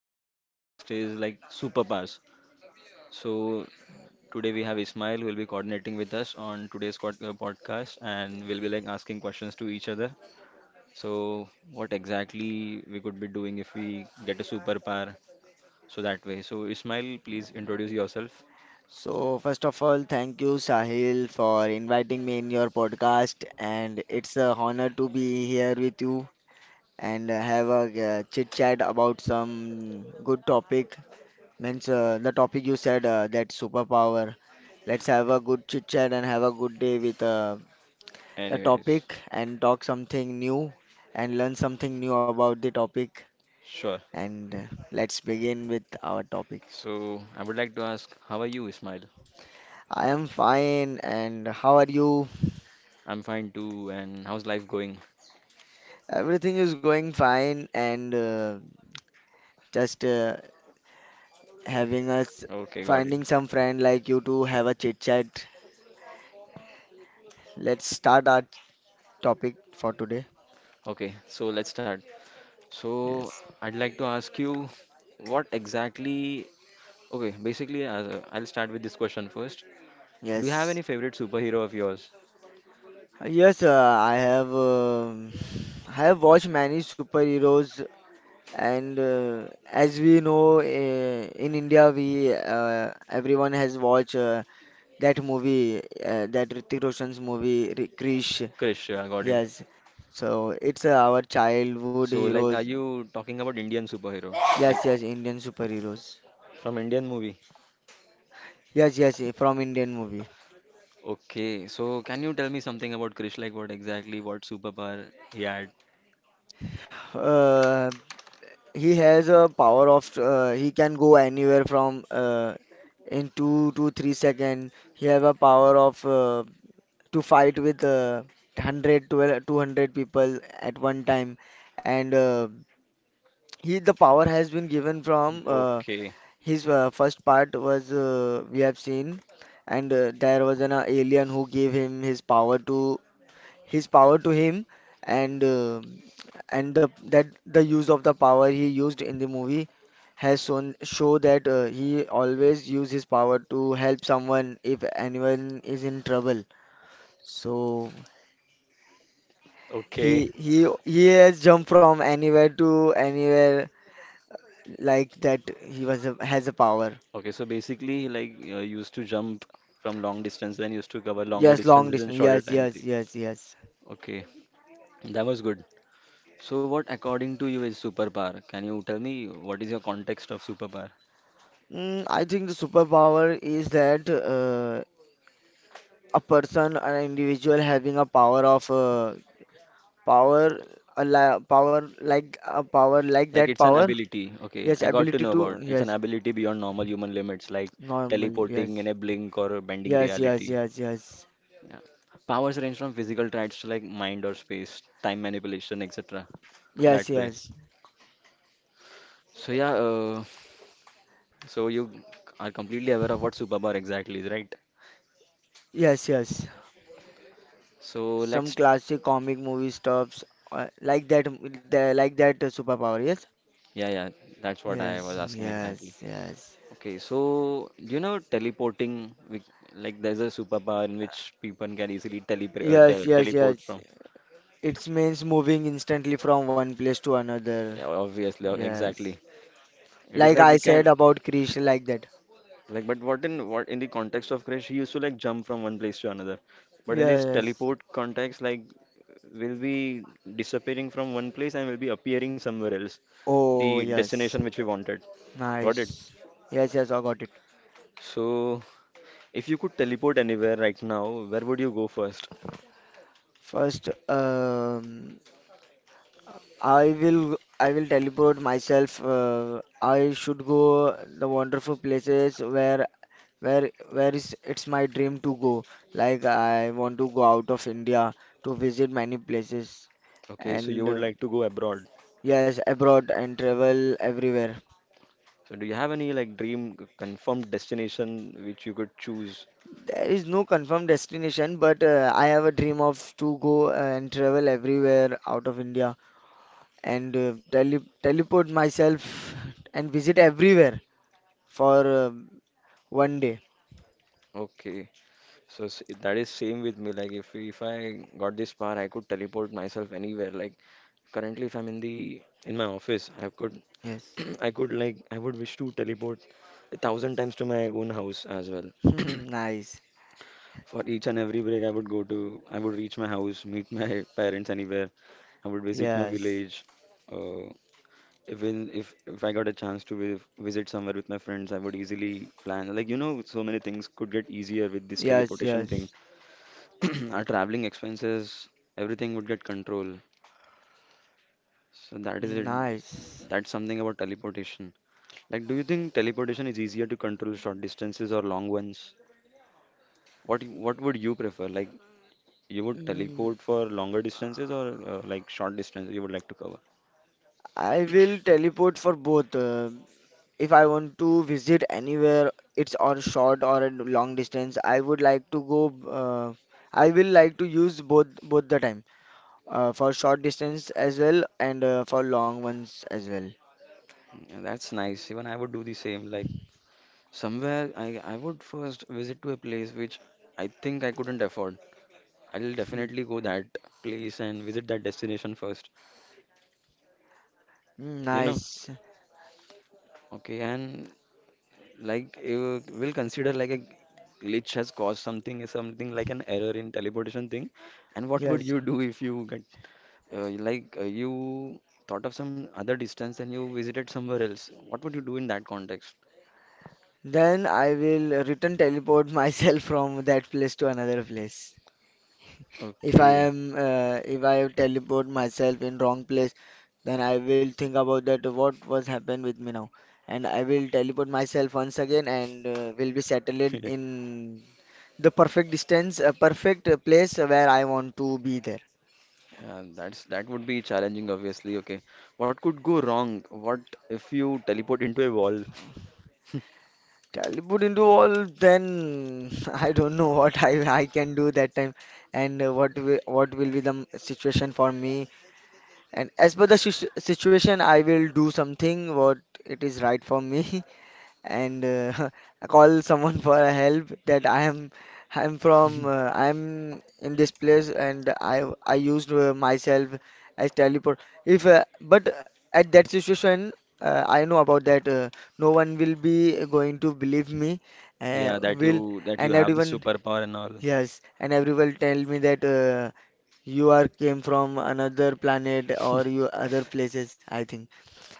for today's podcast is like superpowers. So, today we have Ismail who will be coordinating with us on today's podcast, and we'll be like asking questions to each other. So, what exactly we could be doing if we get a superpower? So, that way. So, Ismail, please introduce yourself. So, first of all, thank you, Sahil, for inviting me in your podcast. And it's a honor to be here with you and have a chit chat about some good topic. Means The topic you said that superpower. Let's have a good chit chat and have a good day with the Anyways, topic and talk something new and learn something new about the topic. sure. And Let's begin with our topic. So, I would like to ask, how are you, Ismail? I am fine, and how are you? I'm fine too, and how's life going? Everything is going fine and just having us Okay, got it. finding Got some friend like you to have a chit chat. Let's start our topic for today. Okay, so let's start. So Yes. I'd like to ask you what exactly. Okay, basically, I'll start with this question first. Do you have Yes. any favorite superhero of yours? Yes, I have watched many superheroes and as we know, in India we, everyone has watched, that movie, that Hrithik Roshan's movie Krish. Krish, I got it. Yes. So it's our childhood So, like, are heroes. you talking about Indian superhero? Like, Yes, yes, Indian superheroes. from Indian movie? Yes, yes, from Indian movie. Okay, so can you tell me something about Krish? Like, what exactly, what superpower he had? Uh, he has a power of, he can go anywhere from, in 2 to 3 second. He have a power of, to fight with, 100 people at one time, and he the power has been given from, Okay, his, first part was, we have seen, and there was an, alien who gave him his power to, his power to him, and the use of the power he used in the movie has shown show that he always use his power to help someone if anyone is in trouble. So okay, he has jumped from anywhere to anywhere like that. He was a, has a power. okay. So basically, he like used to jump from long distance, then used to cover longer Yes, long distances in distance. shorter Yes, time. yes, yes, yes. Okay, that was good. So, what according to you is superpower? Can you tell me what is your context of superpower? I think the superpower is that a person, an individual having a power of, power, a la power like a power like Like, that it's an power. ability. Okay, Yes, I got to ability know to, about. It's an yes, ability beyond normal human limits, like normal. teleporting in Yes, a blink or bending yes, yes, reality. yes, yes, Yeah. Powers range from physical traits to like mind or space, time manipulation, etc. That yes, way. yes, So yeah, so you are completely aware of what superpower exactly is, right? yes, yes. So Some let's. classic comic movie stuffs, like that. Like that, superpower. Yes, Yeah, yeah, that's what I was yes, asking exactly. yes, yes, Okay, so you know teleporting, we- like there's a superpower in which people can easily teleport yes, te yes, teleport yes. from. It means moving instantly from one place to another. Yeah, obviously, exactly. Yes. It is Like like I we can said about creation like that. like, but what in the context of Crash, he used to like jump from one place to another. But in this Yes. teleport context, like will be disappearing from one place and will be appearing somewhere else, the Oh, destination yes. which we wanted. Got it? Nice. Yes, yes, I got it. So if you could teleport anywhere right now, where would you go first? First, I will teleport myself. I should go the wonderful places where is it's my dream to go. Like I want to go out of India to visit many places Okay, so you and would like to go abroad. yes, abroad and travel everywhere. So do you have any like dream confirmed destination which you could choose? There is no confirmed destination, but I have a dream of to go and travel everywhere out of India and teleport myself and visit everywhere for one day. Okay, so that is same with me. Like if I got this power, I could teleport myself anywhere. Like currently, if I'm in the in my office, I could Yes. I could like I would wish to teleport 1,000 times to my own house as well. Nice. For each and every break, I would reach my house, meet my parents anywhere. I would visit my Yes. village. Uh, Even if I got a chance to visit somewhere with my friends, I would easily plan. Like, you know, so many things could get easier with this Yes, teleportation thing. yes. Our traveling expenses, everything would get control. So that is it. Nice. That's something about teleportation. Like, do you think teleportation is easier to control short distances or long ones? What would you prefer? Like, you would Mm, teleport for longer distances or like short distances you would like to cover? I will teleport for both. If I want to visit anywhere, it's on short or a long distance. I would like to go. Uh, I will like to use both the time, for short distance as well and for long ones as well. Yeah, that's nice. Even I would do the same. Like, somewhere I would first visit to a place which I think I couldn't afford. I'll Hmm. definitely go that place and visit that destination first. Hmm, You know? nice. Okay, and like you will consider like a glitch has caused something, something like an error in teleportation thing. And what would Yes. you do if you get you thought of some other distance and you visited somewhere else? What would you do in that context? Then I will return teleport myself from that place to another place. If I Okay. am, if I teleport myself in wrong place, then I will think about that what was happened with me now, and I will teleport myself once again and will be settled in the perfect distance, a perfect, place where I want to be there. That's that would be challenging, obviously. Okay, what could go wrong? What if you teleport into a wall? Childhood into all, then I don't know what I can do that time and what will be the situation for me. And as per the situation, I will do something what it is right for me. And I call someone for a help that I'm from, I'm in this place and I used, myself as teleport if, but at that situation, I know about that, no one will be going to believe me, Yeah, will that and you have the everyone, superpower and all. yes, and everyone tell me that, you are came from another planet or you other places. I think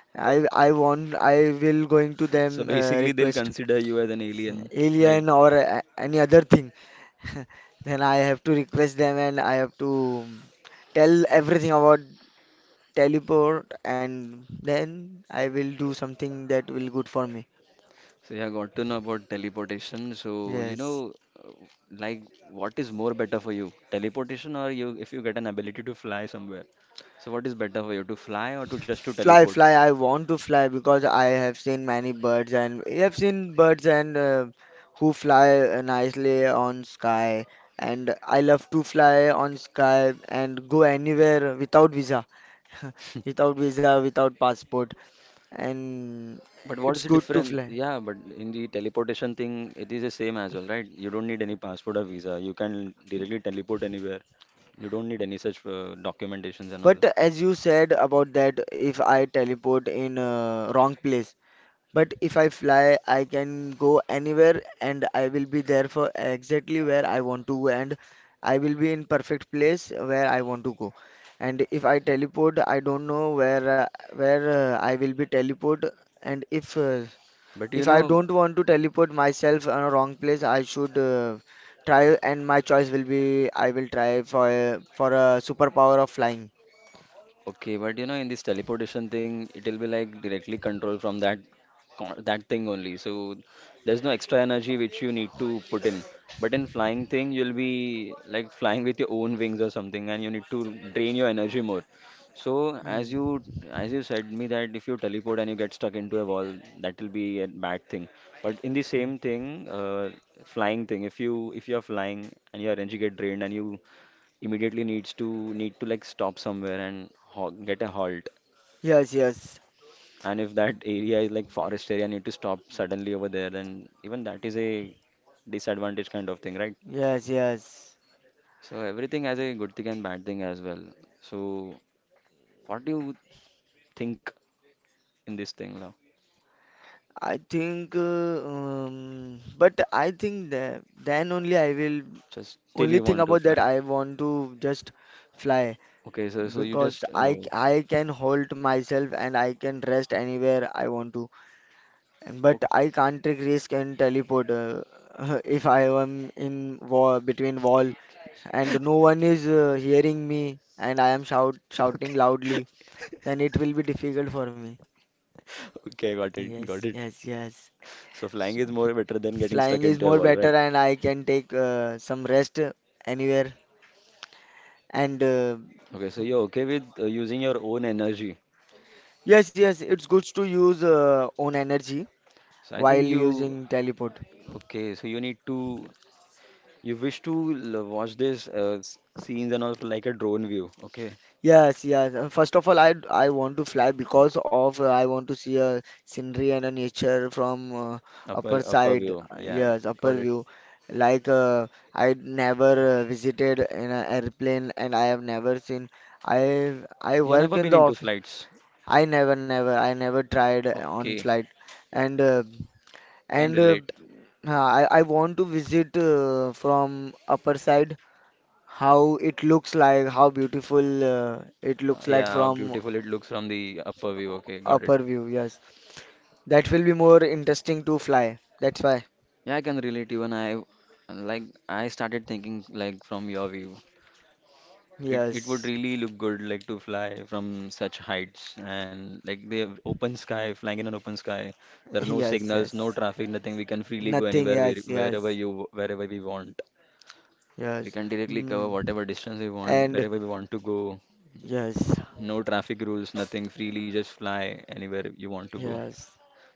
I will going to So them, basically, they'll request consider you as an alien, right? alien or any other thing. Then I have to request them and I have to tell everything about teleport, and then I will do something that will good for me. So yeah, got to know about teleportation. So you Yes. know, uh, like what is more better for you, teleportation or you if you get an ability to fly somewhere? So what is better for you, to fly or to just to Fly, teleport? fly. I want to fly because I have seen many birds and I have seen birds and, who fly, nicely on sky. And I love to fly on sky and go anywhere without visa, without visa, without passport. And But what is it's the good to difference? fly. Yeah, but in the teleportation thing, it is the same as well, right? You don't need any passport or visa. You can directly teleport anywhere. You don't need any such documentations and But all. as you said about that, if I teleport in a wrong place, but if I fly, I can go anywhere and I will be there for exactly where I want to go, and I will be in perfect place where I want to go. And if I teleport, I don't know where, where, I will be teleport, and if, But you if I know, don't want to teleport myself on a wrong place, I should, try, and my choice will be I will try for a superpower of flying. okay, but you know, in this teleportation thing, it'll be like directly controlled from that that thing only. So there's no extra energy which you need to put in. But in flying thing, you'll be like flying with your own wings or something, and you need to drain your energy more. So Mm. As you said me that if you teleport and you get stuck into a wall, that will be a bad thing. But in the Mm. same thing, flying thing, if you are flying and your energy get drained and you immediately need to like stop somewhere and ho get a halt. Yes, yes, And if that area is like forest area, need to stop suddenly over there, then even that is a disadvantage kind of thing, right? yes, yes. So everything has a good thing and bad thing as well. So what do you think in this thing now? I think, but I think that then only I will Just till only you think want to about that fly. I want to just fly Okay, so so you because just oh, I can hold myself and I can rest anywhere I want to. But I can't take risk and teleport, if I am in wall between wall and no one is, hearing me and I am shouting okay, okay, loudly, then it will be difficult for me. okay, got it, got Yes, it. yes, yes. So flying is more better than getting Flying stuck is into a more wall, better right? and I can take, some rest, anywhere. And Okay, so you're okay with using your own energy. yes, yes, it's good to use, own energy So I think while you using teleport. okay. So you need to you wish to watch this scenes and all from like a drone view. Okay, Yes, yes. First of all, I want to fly because of, I want to see a scenery and a nature from, upper upper side. view. Yeah, Yes, upper got it. view. Like, I never, visited in an airplane, and I have never seen. I You work never in been the into office. flights. I never tried on Okay, flight, and can and uh, relate. I want to visit, from upper side how it looks like, how beautiful, it looks like Yeah, from beautiful it looks from the upper view. Okay, got it. upper view. Yes. That will be more interesting to fly. That's why. Yeah, I can relate even I like I started thinking like from your view. It would Yes, really look good like to fly from such heights and like the open sky, flying in an open sky. There are no yes, signals, no yes. traffic, nothing. We can freely go Nothing, anywhere yes, wherever yes, you wherever we want. We yes. can directly cover Mm. whatever distance we want, And wherever we want to go. yes, No traffic rules, nothing. Freely just fly anywhere you want to go. yes.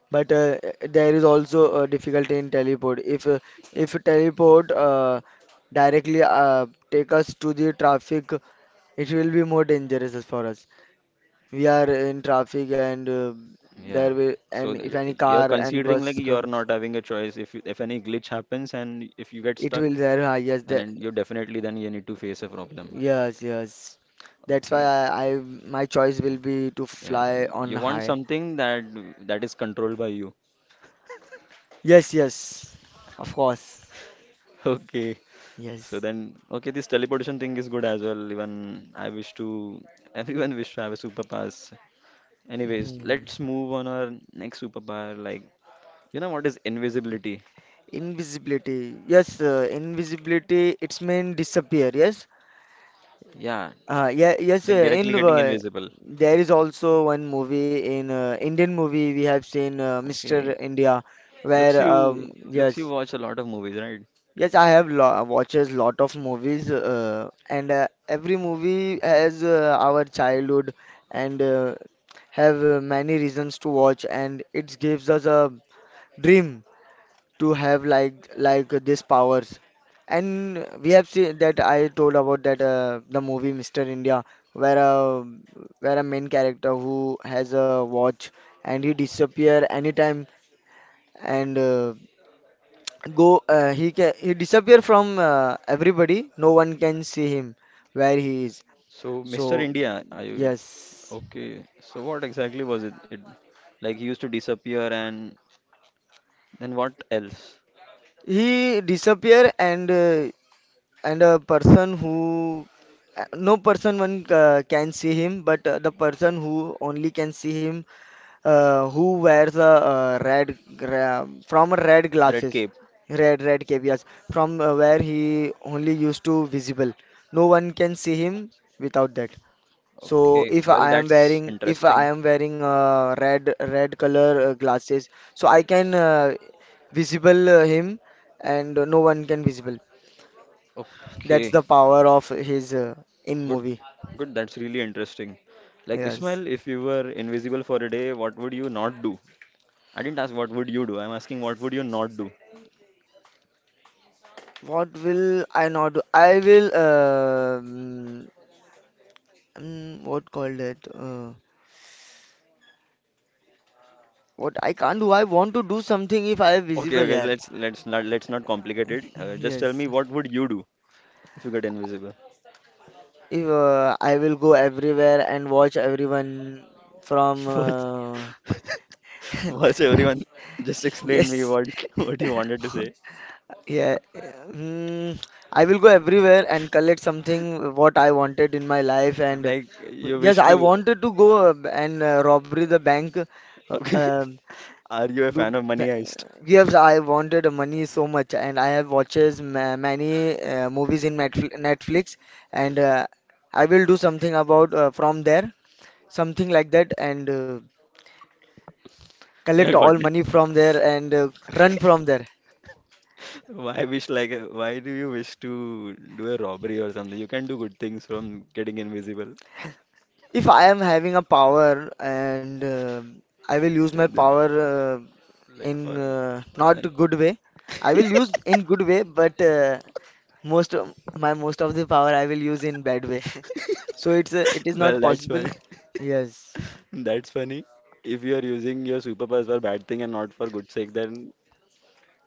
But there is also a difficulty in teleport. If, if teleport, directly, take us to the traffic, it will be more dangerous as for us. We are in traffic and, Yeah. there will, So and if the, any you're car and considering like bus you're comes, not having a choice. If any glitch happens and if you get it stuck, will there. Yes, and the, then you definitely then you need to face a problem. yes, yes. That's why Okay. I my choice Okay. will be to Yeah, fly on you want high. something that that is controlled by you. Yes, yes. Of course. Okay. So Yes. then, okay, this teleportation thing is good as well. Even I wish to, everyone wish to have a superpowers. Anyways, Hmm. let's move on our next superpower. Like, you know what is invisibility? Invisibility. Yes, invisibility. It's mean disappear. Yes. Yeah, Yeah, yes. Like In directly getting invisible. there is also one movie in, Indian movie we have seen, Okay. Mr. India, Looks where you, looks you yes, watch a lot of movies, right? yes, I have lo watches lot of movies, and every movie has, our childhood and, have, many reasons to watch, and it gives us a dream to have like these powers. And we have seen that I told about that, the movie Mr. India, where a where a main character who has a watch and he disappear anytime and go, he can he disappear from, everybody, no one can see him where he is, So, so Mr. India, are you yes, okay? So what exactly was it? It like he used to disappear and then what else? he disappear and, and a person who, no person one can see him, but, the person who only can see him, who wears a, from a red A red glasses, cape. Red caviars from, where he only used to visible, no one can see him without that. So Okay, if well, I am that's wearing, interesting. Red color, glasses, so I can, visible, him, and, no one can visible. That's Okay, the power of his, in good, movie. good. That's really interesting. Like Yes. Ismail, if you were invisible for a day, what would you not do? I didn't ask what would you do. I'm asking what would you not do. What will I not do? I will what called it? What I can't do. I want to do something if I am Okay, visible okay. here. Let's not complicate it. Just tell Yes. me what would you do if you get invisible? If, I will go everywhere and watch everyone from, First, first, everyone, just explain me yes. what what you wanted to say. Yeah. I will go everywhere and collect something what I wanted in my life. And Like you yes, wish I to. wanted to go, and, robbery the bank. Okay, um, are you a do fan of Money ba- Heist? yes, I wanted money so much, and I have watches ma many, movies in Netflix, and, I will do something about, from there, something like that, and, Yeah, collect got. all money from there and, run from there. Why wish like why do you wish to do a robbery or something? You can do good things from getting invisible. If I am having a power and I will use Yeah, my then power like in for not then- good way, I will use in good way, but most of the power I will use in bad way. So it is not well, that's possible. funny. Yes, That's funny. If you are using your superpowers for bad thing and not for good sake, then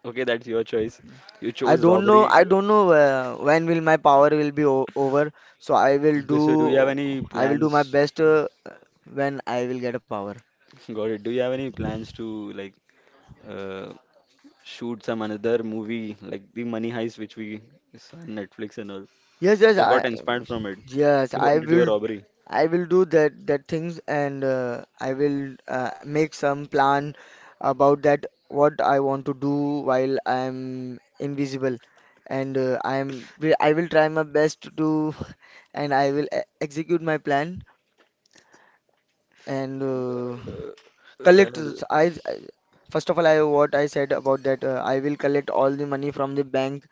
okay, that's your choice. You chose I robbery. don't know when will my power will be o over. So Okay, so do you have any I will do my plans? best when I will get a power. Got it. Do you have any plans to like uh, shoot some another movie like the Money Heist, which we saw on Netflix and all? Yes, yes, So got I inspired from it. Yes, You want to do a robbery? I will do that things and I will make some plan about that what I want to do while I'm invisible and I will try my best to do and I will e execute my plan and Uh, Collect. well, S- I I- first of all, I what I said about that. I will collect all the money from the bank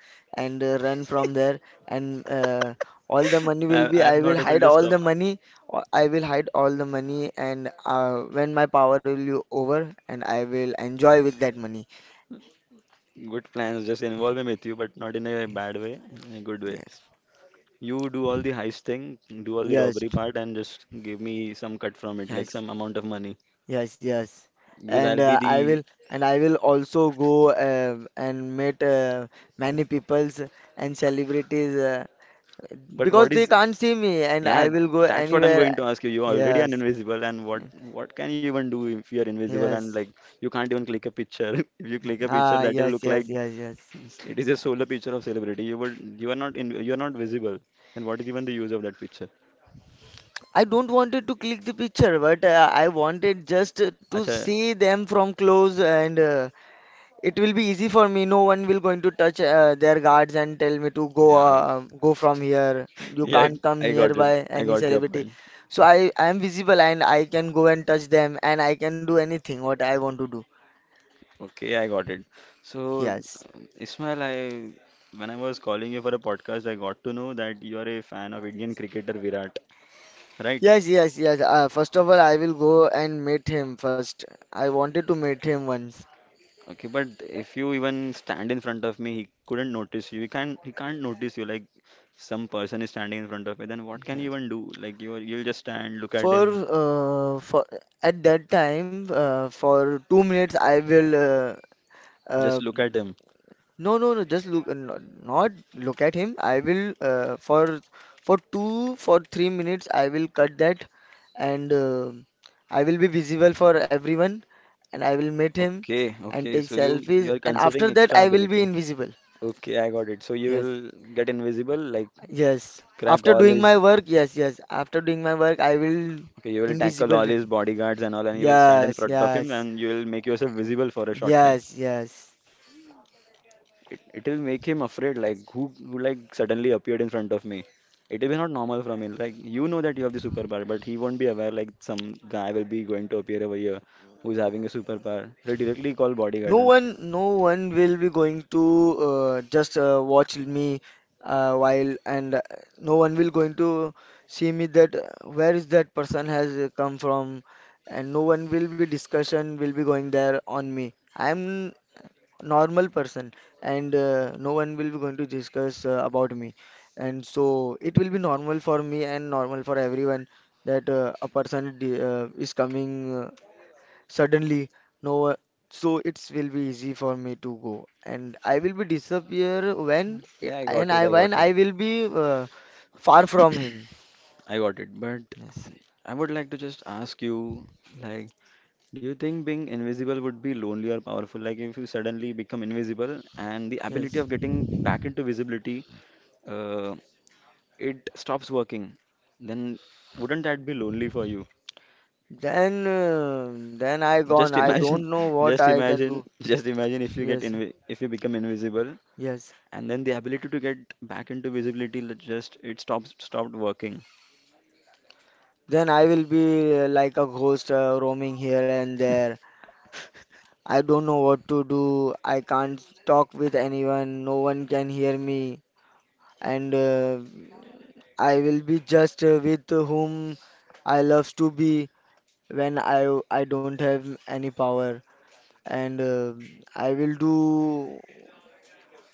and run from there. And all the money will be. I I'm will not able hide to all stop. the money. I will hide all the money. And when my power will be over, and I will enjoy with that money. Good plans, just involve me with you, but not in a bad way, in a good way. Yes. You do all the heist thing, do all the Yes, robbery part, and just give me some cut from it, like yes, some amount of money, yes, yes. because And I'll be the. I will also go and meet many peoples and celebrities, But because what they is? can't see me and Yeah, I will go that's what I'm going to anywhere. ask you. You already are Yes, invisible, and what can you even do if you're invisible and yes, like you can't even click a picture? If you click a picture, ah, that'll yes, look like yes, yes, yes. yes, it is a solar picture of celebrity. You will, you are not in, you are not visible. Then what is even the use of that picture? I don't wanted to click the picture, but I wanted just to Acha, see them from close, and it will be easy for me. No one will going to touch their guards and tell me to go, yeah, go from here. You yeah, can't come I got it. nearby I any got your celebrity. point. So I am visible and I can go and touch them, and I can do anything what I want to do. Okay, I got it. So, Yes. Ismail, I when I was calling you for a podcast, I got to know that you are a fan of Indian cricketer Virat, right? Yes, yes, yes. First of all, I will go and meet him first. I wanted to meet him once. Okay, but if you even stand in front of me, he couldn't notice you. He can't notice you. Like some person is standing in front of me, then what can you Yes. even do? Like you, you'll just stand, look at For him, uh, for at that time, for 2 minutes, I will. just uh, look at him. no, no, no. Just look, no, not look at him. I will for two for 3 minutes, I will cut that, and I will be visible for everyone, and I will meet him Okay, okay. and take So you selfies. you are And considering after that, extra I will be ability. invisible. Okay, I got it. So you will Yes. get invisible, like Yes. crack After all doing his. my work, yes, yes. After doing my work, I will Okay, you will tackle invisible. all re- his bodyguards and all, and you will stand in Yes, front of him, yes, and you will make yourself visible for a short time. yes, yes. It will make him afraid, like who like suddenly appeared in front of me. It will be not normal from him. Like you know that you have the superpower, but he won't be aware. Like some guy will be going to appear over here who's having a superpower. He'll directly call No bodyguards. And one, no one will be going to just watch me while, and No one will going to see me that where is that person has come from, and no one will be discussion will be going there on me. I'm normal person and no one will be going to discuss about me and so it will be normal for me and normal for everyone that a person is coming suddenly no so it will be easy for me to go and I will be disappear yeah, I got and it. I I when got it. I will be far from him. I got it. But Yes. I would like to just ask you, like, do you think being invisible would be lonely or powerful? Like, if you suddenly become invisible and the ability Yes, of getting back into visibility, uh, it stops working, then wouldn't that be lonely for you? Then I Just gone, I imagine, don't know what I can do. just imagine if you get Yes, invi if you become invisible yes. and then the ability to get back into visibility just it stops stopped working. Then I will be like a ghost roaming here and there. I don't know what to do. I can't talk with anyone. No one can hear me. And I will be just with whom I love to be when I don't have any power. And I will do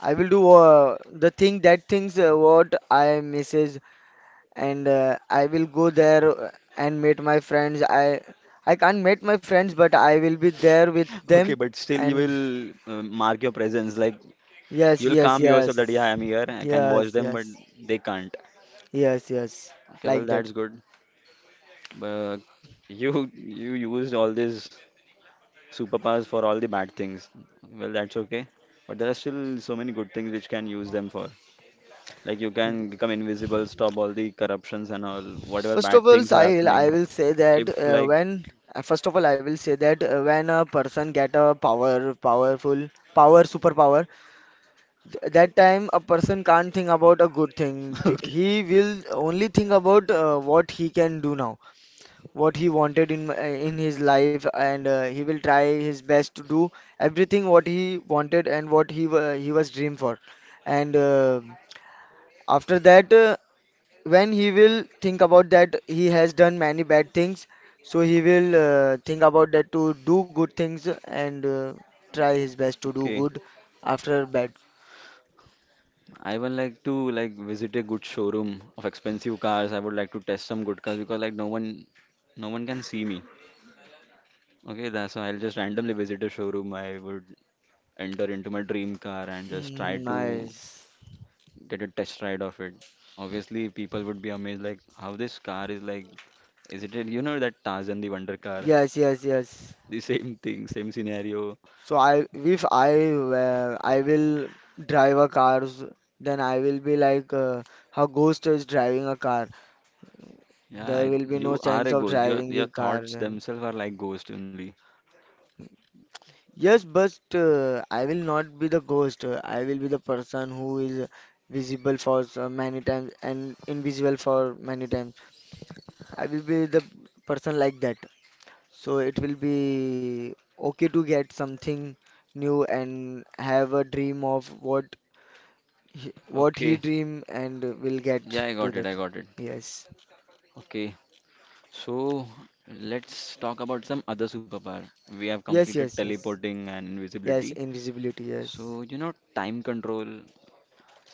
I will do the thing, that things what I message, and I will go there and meet my friends. I can't meet my friends, but I will be there with Okay, them. but still you And will mark your presence. Like yes, you'll yes, calm yourself that, yeah, yes, I'm here, I can watch yes, them, but yes, they can't. yes, yes, Okay, well, like that. that's good. But you used all these superpowers for all the bad things. Well, that's okay. But there are still so many good things which can use them for. Like you can become invisible, stop all the corruptions and all, whatever First of bad all, things are Sahil, I happening. will say that If like when first of all I will say that when a person get a power, superpower, that time a person can't think about a good thing. Okay. He will only think about what he can do now, what he wanted in his life, and he will try his best to do everything what he wanted and what he was dreamed for, and after that when he will think about that he has done many bad things, so he will think about that to do good things, and try his best to do Okay, good after bad. I would like to like visit a good showroom of expensive cars. I would like to test some good cars because like no one can see me. Okay, that's why I'll just randomly visit a showroom. I would enter into my dream car and just try Mm, to nice. get a test ride of it. Obviously, people would be amazed, like how this car is like. Is it, you know, that Tarzan the Wonder Car? Yes, yes, yes. The same thing, same scenario. So I if I were- I will drive a cars, then I will be like how ghost is driving a car. Yeah, There I- will be no you are sense a of ghost. Your driving your the car thoughts then. themselves are like ghost only. Yes, but I will not be the ghost. I will be the person who is visible for so many times and invisible for many times. I will be the person like that. So it will be okay to get something new and have a dream of what what he Okay. dream and will get Yeah, I to got it. I that. got it. Yes. Okay. So let's talk about some other superpower. We have Yes, completed yes, yes. teleporting and Yes, invisibility. invisibility, yes. So, you know, time control.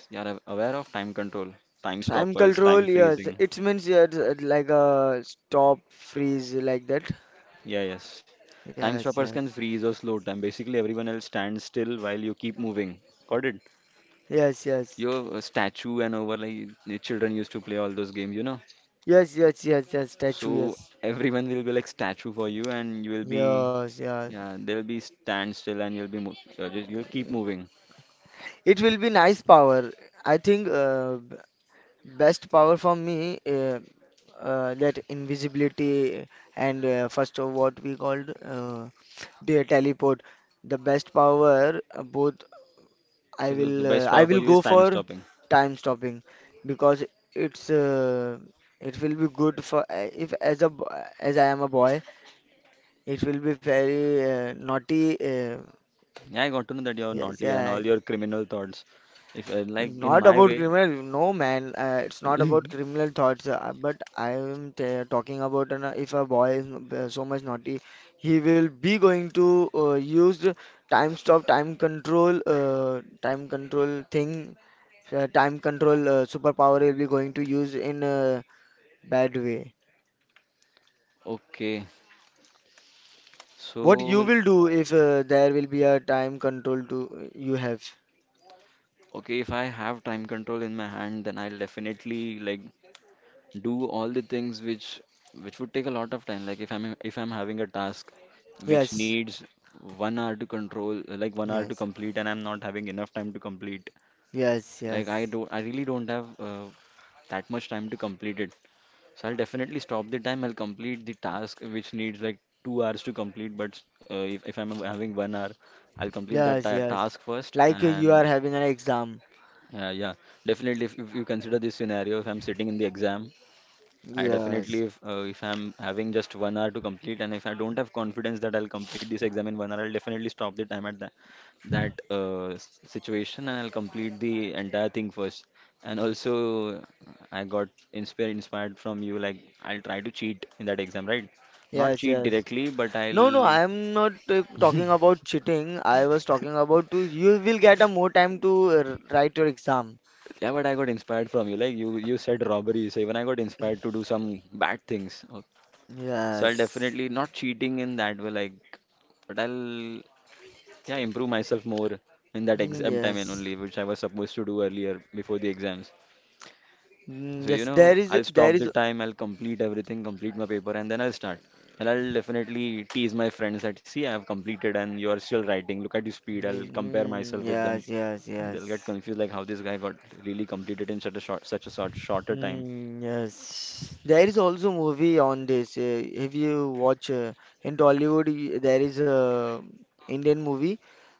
You are aware of time control, time Time stoppers, control, time yes. freezing. It means yes, like a stop, freeze, like that. Yeah, yes. Time Yes, stoppers yes. can freeze or slow time. Basically, everyone else stands still while you keep moving. Got it? Yes, yes. Your statue and over like the children used to play all those games, you know. Yes, yes, yes, yes. Statue, So yes. everyone will be like statue for you, and you will be, Yes, yes. yeah, they'll be stand still, and you'll just you'll keep moving. It will be nice power. I think Best power for me, that invisibility and first of what we called the teleport. The best power, both So the best I power for will you is go time for stopping. time stopping, because it's uh, it will be good for if as a bo- as I am a boy, it will be very naughty. Yeah, I got to know that you're Yes, naughty and yeah. all your criminal thoughts. If like in Not my about criminal, no man. It's not way, about criminal thoughts. But I am t talking about an, if a boy is so much naughty, he will be going to use the time stop, time control thing, time control superpower, will be going to use in a bad way. okay. What you So, will do if there will be a time control to you have? okay, if I have time control in my hand, then I'll definitely like do all the things which would take a lot of time. Like if I'm having a task which Yes, needs 1 hour to control, like 1 hour to yes, complete, and I'm not having enough time to complete. yes, Like yes, I really don't have that much time to complete it. So I'll definitely stop the time. I'll complete the task which needs like 2 hours to complete. But if I'm having 1 hour, I'll complete that yes, ta yes. task first, Like you and are having an exam. yeah, yeah. Definitely, if you consider this scenario, if I'm sitting in the exam, I definitely, Yes, if I'm having just 1 hour to complete, and if I don't have confidence that I'll complete this exam in 1 hour, I'll definitely stop the time at that situation, and I'll complete the entire thing first. And also, I got inspired inspired from you. Like, I'll try to cheat in that exam, right? Not yes, cheat yes. directly, but No, no, I'll. I am not talking about cheating. I was talking about to you will get a more time to write your exam. Yeah, but I got inspired from you. Like you said robberies. Even I got inspired to do some bad things. So I'll Yes. definitely not cheating in that way, like, but I'll yeah improve myself more in that Mm, exam time and yes. only, which I was supposed to do earlier before the exams. Mm, So you yes. know, There is, I'll there stop the is. time, I'll complete everything, complete my paper, and then I'll start. And I'll definitely tease my friends that see, I've completed and you're still writing. Look at the speed. I'll Mm, compare mm, myself with them, yes, yes, and yes. they'll get confused like how this guy got really completed in such a short, shorter time. Hmm, yes, there is also movie on this. If you watch in Tollywood, there is a Indian movie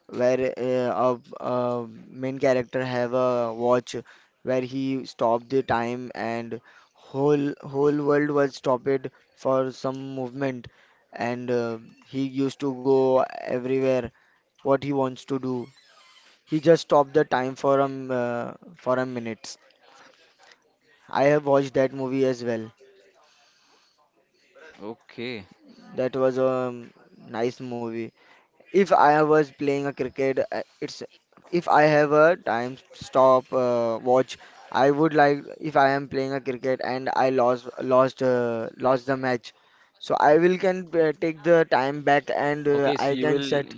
where a main character have a watch where he stopped the time and whole world was stopped for some movement, and he used to go everywhere what he wants to do. He just stopped the time for for a minute. I have watched that movie as well. Okay. That was a nice movie. If I was playing a cricket, it's if I have a time stop watch, I would like if I am playing a cricket and I lost the match, so I will can take the time back, and Okay, so I you can will. set.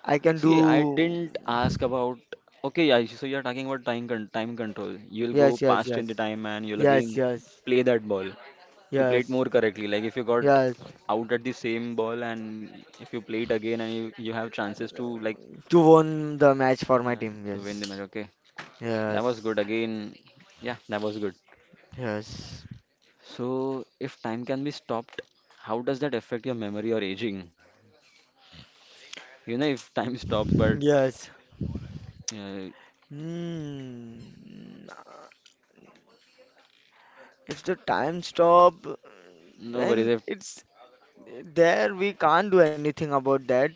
I can See, I do. didn't ask about. Okay, yeah, so you're talking about time control. You'll go Yes, yes, past yes, in the time and you'll yes, again yes, play that ball to play it yes, more correctly. Like if you got yes, out at the same ball and if you play it again and you have chances to like to won the match for my team. to win the Yes, match. Okay, that was yes, good. Again, yeah, that was good. yes. So if time can be stopped, how does that affect your memory or aging? You know, if time stops, but Yes. uh, Hmm. Nah. If the time stop, no worries. then If it's there. We can't do anything about that.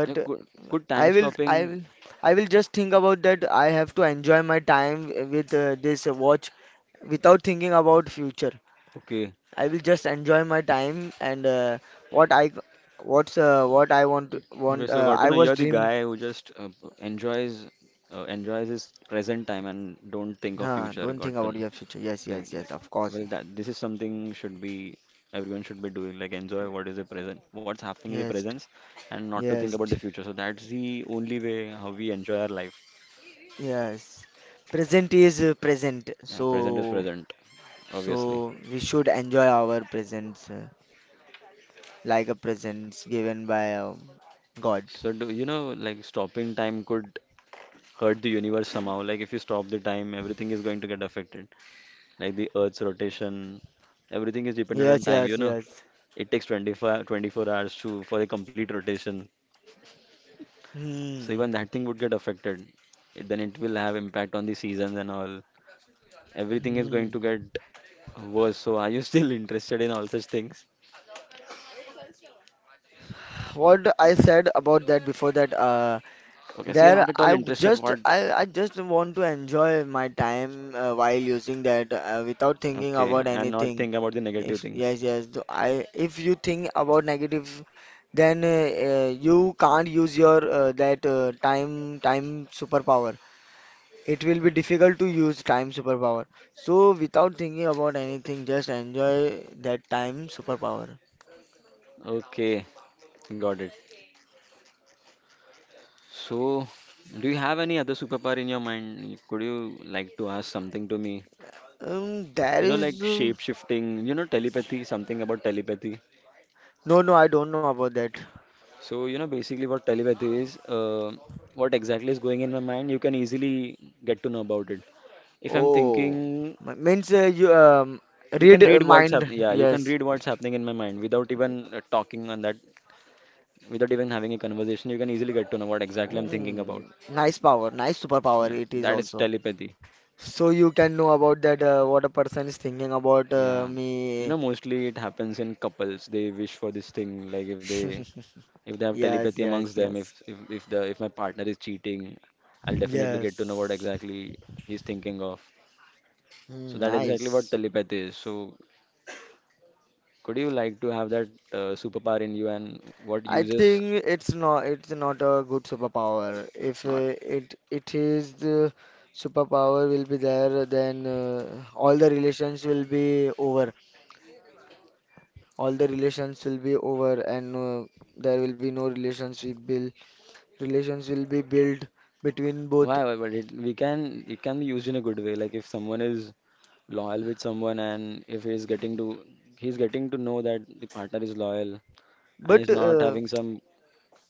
yeah, could I time will, I stopping? will, I will just think about that. I have to enjoy my time with this watch without thinking about future. Okay. I will just enjoy my time, and what I, what I want. Okay. So got to I know was you're the dreamed. guy who just enjoys enjoys his present time and don't think of Huh, future. don't think Got to about know. your future. Yes, Okay. yes, yes. Of course. Well, that this is something should be everyone should be doing. Like enjoy what is the present, what's happening in the Yes, present, and not to think yes. about the future. So that's the only way how we enjoy our life. Yes, present Yeah, present is so present, obviously. so we should enjoy our presents like a presents given by God. So do you know like stopping time could hurt the universe somehow? Like if you stop the time, everything is going to get affected. Like the Earth's rotation. Everything is dependent on Yes, time, you yes, know. yes. It takes 25, 24 hours to for a complete rotation. So even Hmm. that thing would get affected. It, then it will have impact on the seasons and all. Everything is going Hmm. to get worse. So are you still interested in all such things? What I said about that before that, Okay, so you're not there at I all w- interested just what? I just want to enjoy my time while using that without thinking Okay, about and not anything. think about the negative If things. Yes, yes. Though I If you think about negative, then you can't use your that time time superpower. It will be difficult to use time superpower. So without thinking about anything, just enjoy that time superpower. Okay, got it. So, do you have any other superpower in your mind? Could you like to ask something to me? There You know, is like shape shifting, you know, telepathy, something about telepathy. No, no. I don't know about that. So you know basically what telepathy is, what exactly is going in my mind you can easily get to know about it if I'm Oh. thinking. Means you You can read read what's mind. happening, yeah, you can Yes. read what's happening in my mind without even talking on that, without even having a conversation. You can easily get to know what exactly I'm thinking Oh, about. nice power, nice superpower. Yeah, It is that is also. telepathy. So you can know about that what a person is thinking about Yeah, you me. know, mostly it happens in couples. They wish for this thing, like if they have Yes, telepathy yes, amongst them, yes. If my partner is cheating, I'll definitely get to know what Yes. exactly he's thinking of. So Hmm, that exactly what nice. telepathy is. So could you like to have that superpower in you and what I uses think it's not it's not a good superpower. If not. It is the superpower will be there, then all the relations will be over. All the relations will be over, and there will be no relationship will relations will be built between Why, both. why, but it we can, it can be used in a good way, like if someone is loyal with someone and if he's getting to he's getting to know that the partner is loyal and But he's not having some.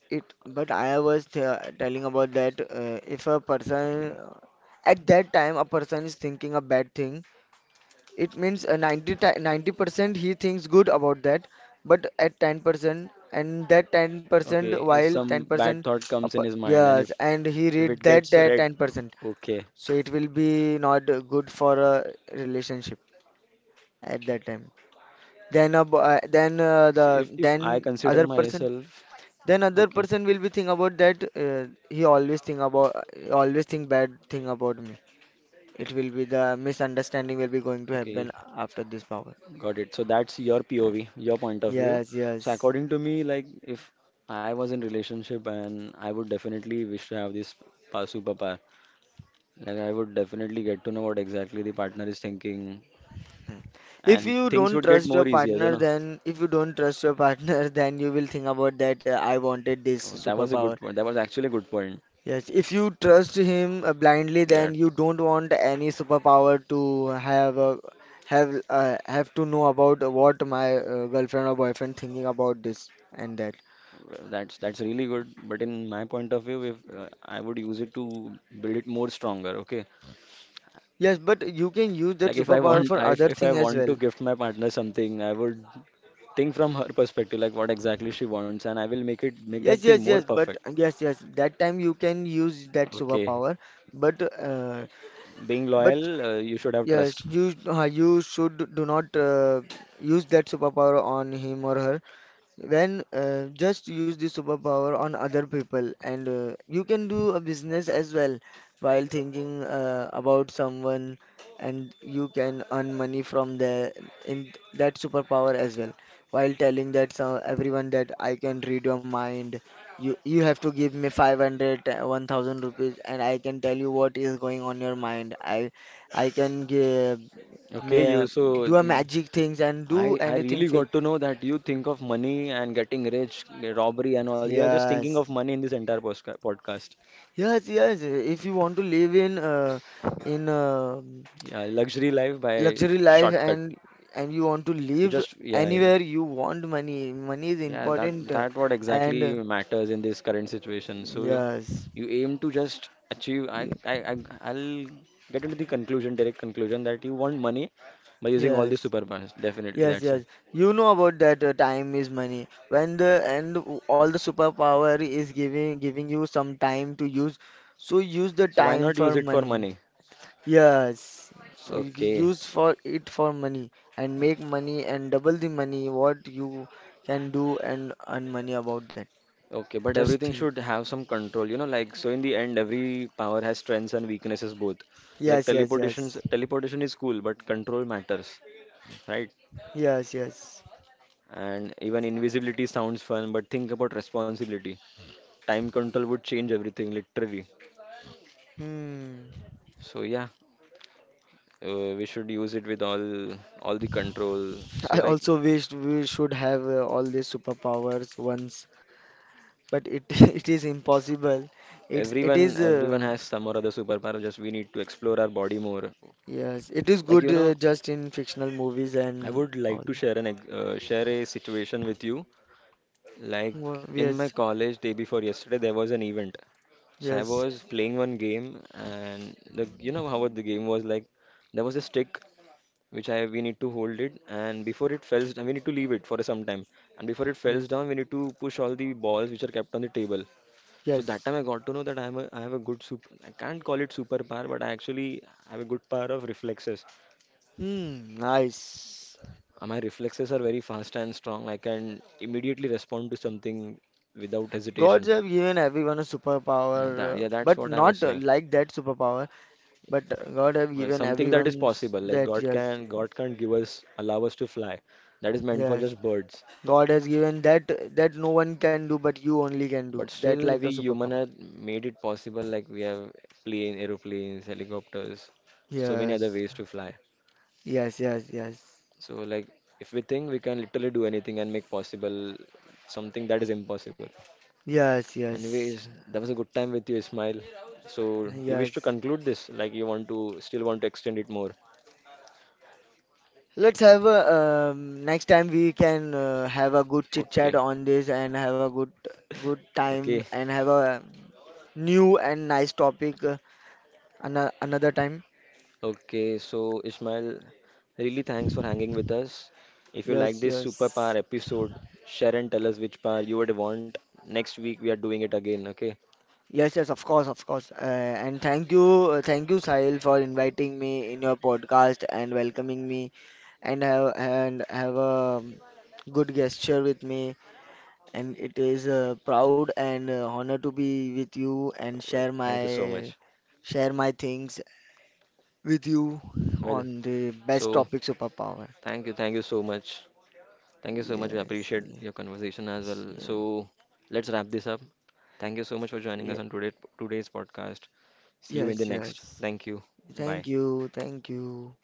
It, but I was th telling about that if a person, at that time a person is thinking a bad thing, it means 90% he thinks good about that, but at 10%, and that Okay, 10% if while some bad 10% thought up, comes in his mind and yes, and he if read it that gets that read. 10%, Okay. so it will be not good for a relationship at that time. Then the See, if I then consider other person myself, then other okay, person will be think about that he always think about, always think bad thing about me, it will be the misunderstanding will be going to okay, happen after this power. got it. So that's your POV, your point of view. Yes, So yes. according to me, like if I was in relationship and I would definitely wish to have this superpower. Like I would definitely get to know what exactly the partner is thinking, If and you things don't would get trust your more easier, you partner, know. then if you don't trust your partner then you will think about that, I wanted this Oh, that was a good superpower. point. That was actually a good point. Yes, if you trust him blindly, Yeah, then you don't want any superpower to have a, have to know about what my girlfriend or boyfriend thinking about this and that. well, that's really good. But in my point of view, if I would use it to build it more stronger, okay? Yes, but you can use that Like superpower for other if I thing as want to well. gift my partner something, I would think from her perspective, like what exactly she wants, and I will make that Yes, thing yes, more yes, perfect. but yes, yes, that time you can use that Okay, superpower, but uh, being but loyal, you should have trust. yes, you should do not use that superpower on him or her. When Just use the superpower on other people, and you can do a business as well while thinking about someone, and you can earn money from the in that superpower as well. While telling that so everyone that I can read your mind, you have to give me 500, 1000 rupees, and I can tell you what is going on your mind. I can give, Okay, may, do a magic things and i do i anything really fake. got to know that you think of money and getting rich, robbery and all. You are just thinking of Yes. money in this entire podcast. Yes, yes. If you want to live in in uh, Yeah, luxury life by luxury life, shortcut, and you want to you live just, yeah. anywhere, you want money. Money is Yeah, that important, that what and exactly matters in this current situation. So you, yes. you aim to just achieve. I Ye- I I I'll get into the conclusion, direct conclusion, that you want money by using all the Yes. superpowers. Definitely, Yes, that's yes. it. You know about that, time is money. When all the superpower is giving you some time to use, so use the So why time not use for it for money. money? Yes, so if you Okay, use for it for money and make money and double the money, what you can do and earn money about that. okay, but Just everything think. should have some control. You know, like, so in the end, every power has strengths and weaknesses both. Like Yes, yes, yes. teleportation is cool, but control matters, right? Yes, yes. And even invisibility sounds fun, but think about responsibility. Time control would change everything literally. Hmm. So yeah, we should use it with all the control. So I like also wished we should have all these superpowers once, but it it is impossible. It's it is everyone has some or other superpower. Just we need to explore our body more. Yes, it is Like good you know, just in fictional movies I and would all. like to share a situation with you. Like in my Yes, college day before yesterday, there was an event. So I yes, was playing one game, and the you know how the game was like. There was a stick which I we need to hold it, and before it falls, down, we need to leave it for some time. And before it falls yes, down, we need to push all the balls which are kept on the table. So that yes. time I got to know that I have a good super. I can't call it superpower, but I actually have a good power of reflexes. Hmm, nice. My reflexes are very fast and strong. I can immediately respond to something without hesitation. Gods have given everyone a Yeah, that, superpower, yeah, that's but what I was not saying. like that superpower. But God have Well, given something that is everyone possible. Like that, yes, God can't allow us to fly. That is meant for yes. just birds. God has given that no one can do, but you only can do But that still, like we a human superpower. have made it possible. Like we have aeroplanes, helicopters, so many other Yes, ways to fly. yes, yes, yes, So like if we think, we can literally do anything and make possible something that is impossible. yes, yes, Anyways, that was a good time with you, Ismail. So you wish to yes. conclude this? Like you want to still want to extend it more? Let's have a next time we can have a good chit chat Okay, on this and have a good time okay. and have a new and nice topic. Another time. Okay, so Ismail, really thanks for hanging with us. If you like Yes, this superpower yes. episode, share and tell us which power you would want. Next week we are doing it again, okay? Yes, yes, of course, of course. And thank you, Sahil, for inviting me in your podcast and welcoming me and have a good gesture with me. And it is a proud and honor to be with you and Well, thank you so much. share my things with you Well, on the best so topic, superpower. Thank you so much. Thank you so much. We Yes, appreciate yes, your conversation as well. So let's wrap this up. Thank you so much for joining yes, us on today's podcast. See you in the yes, next. yes. Thank you. Bye. Thank you, thank you.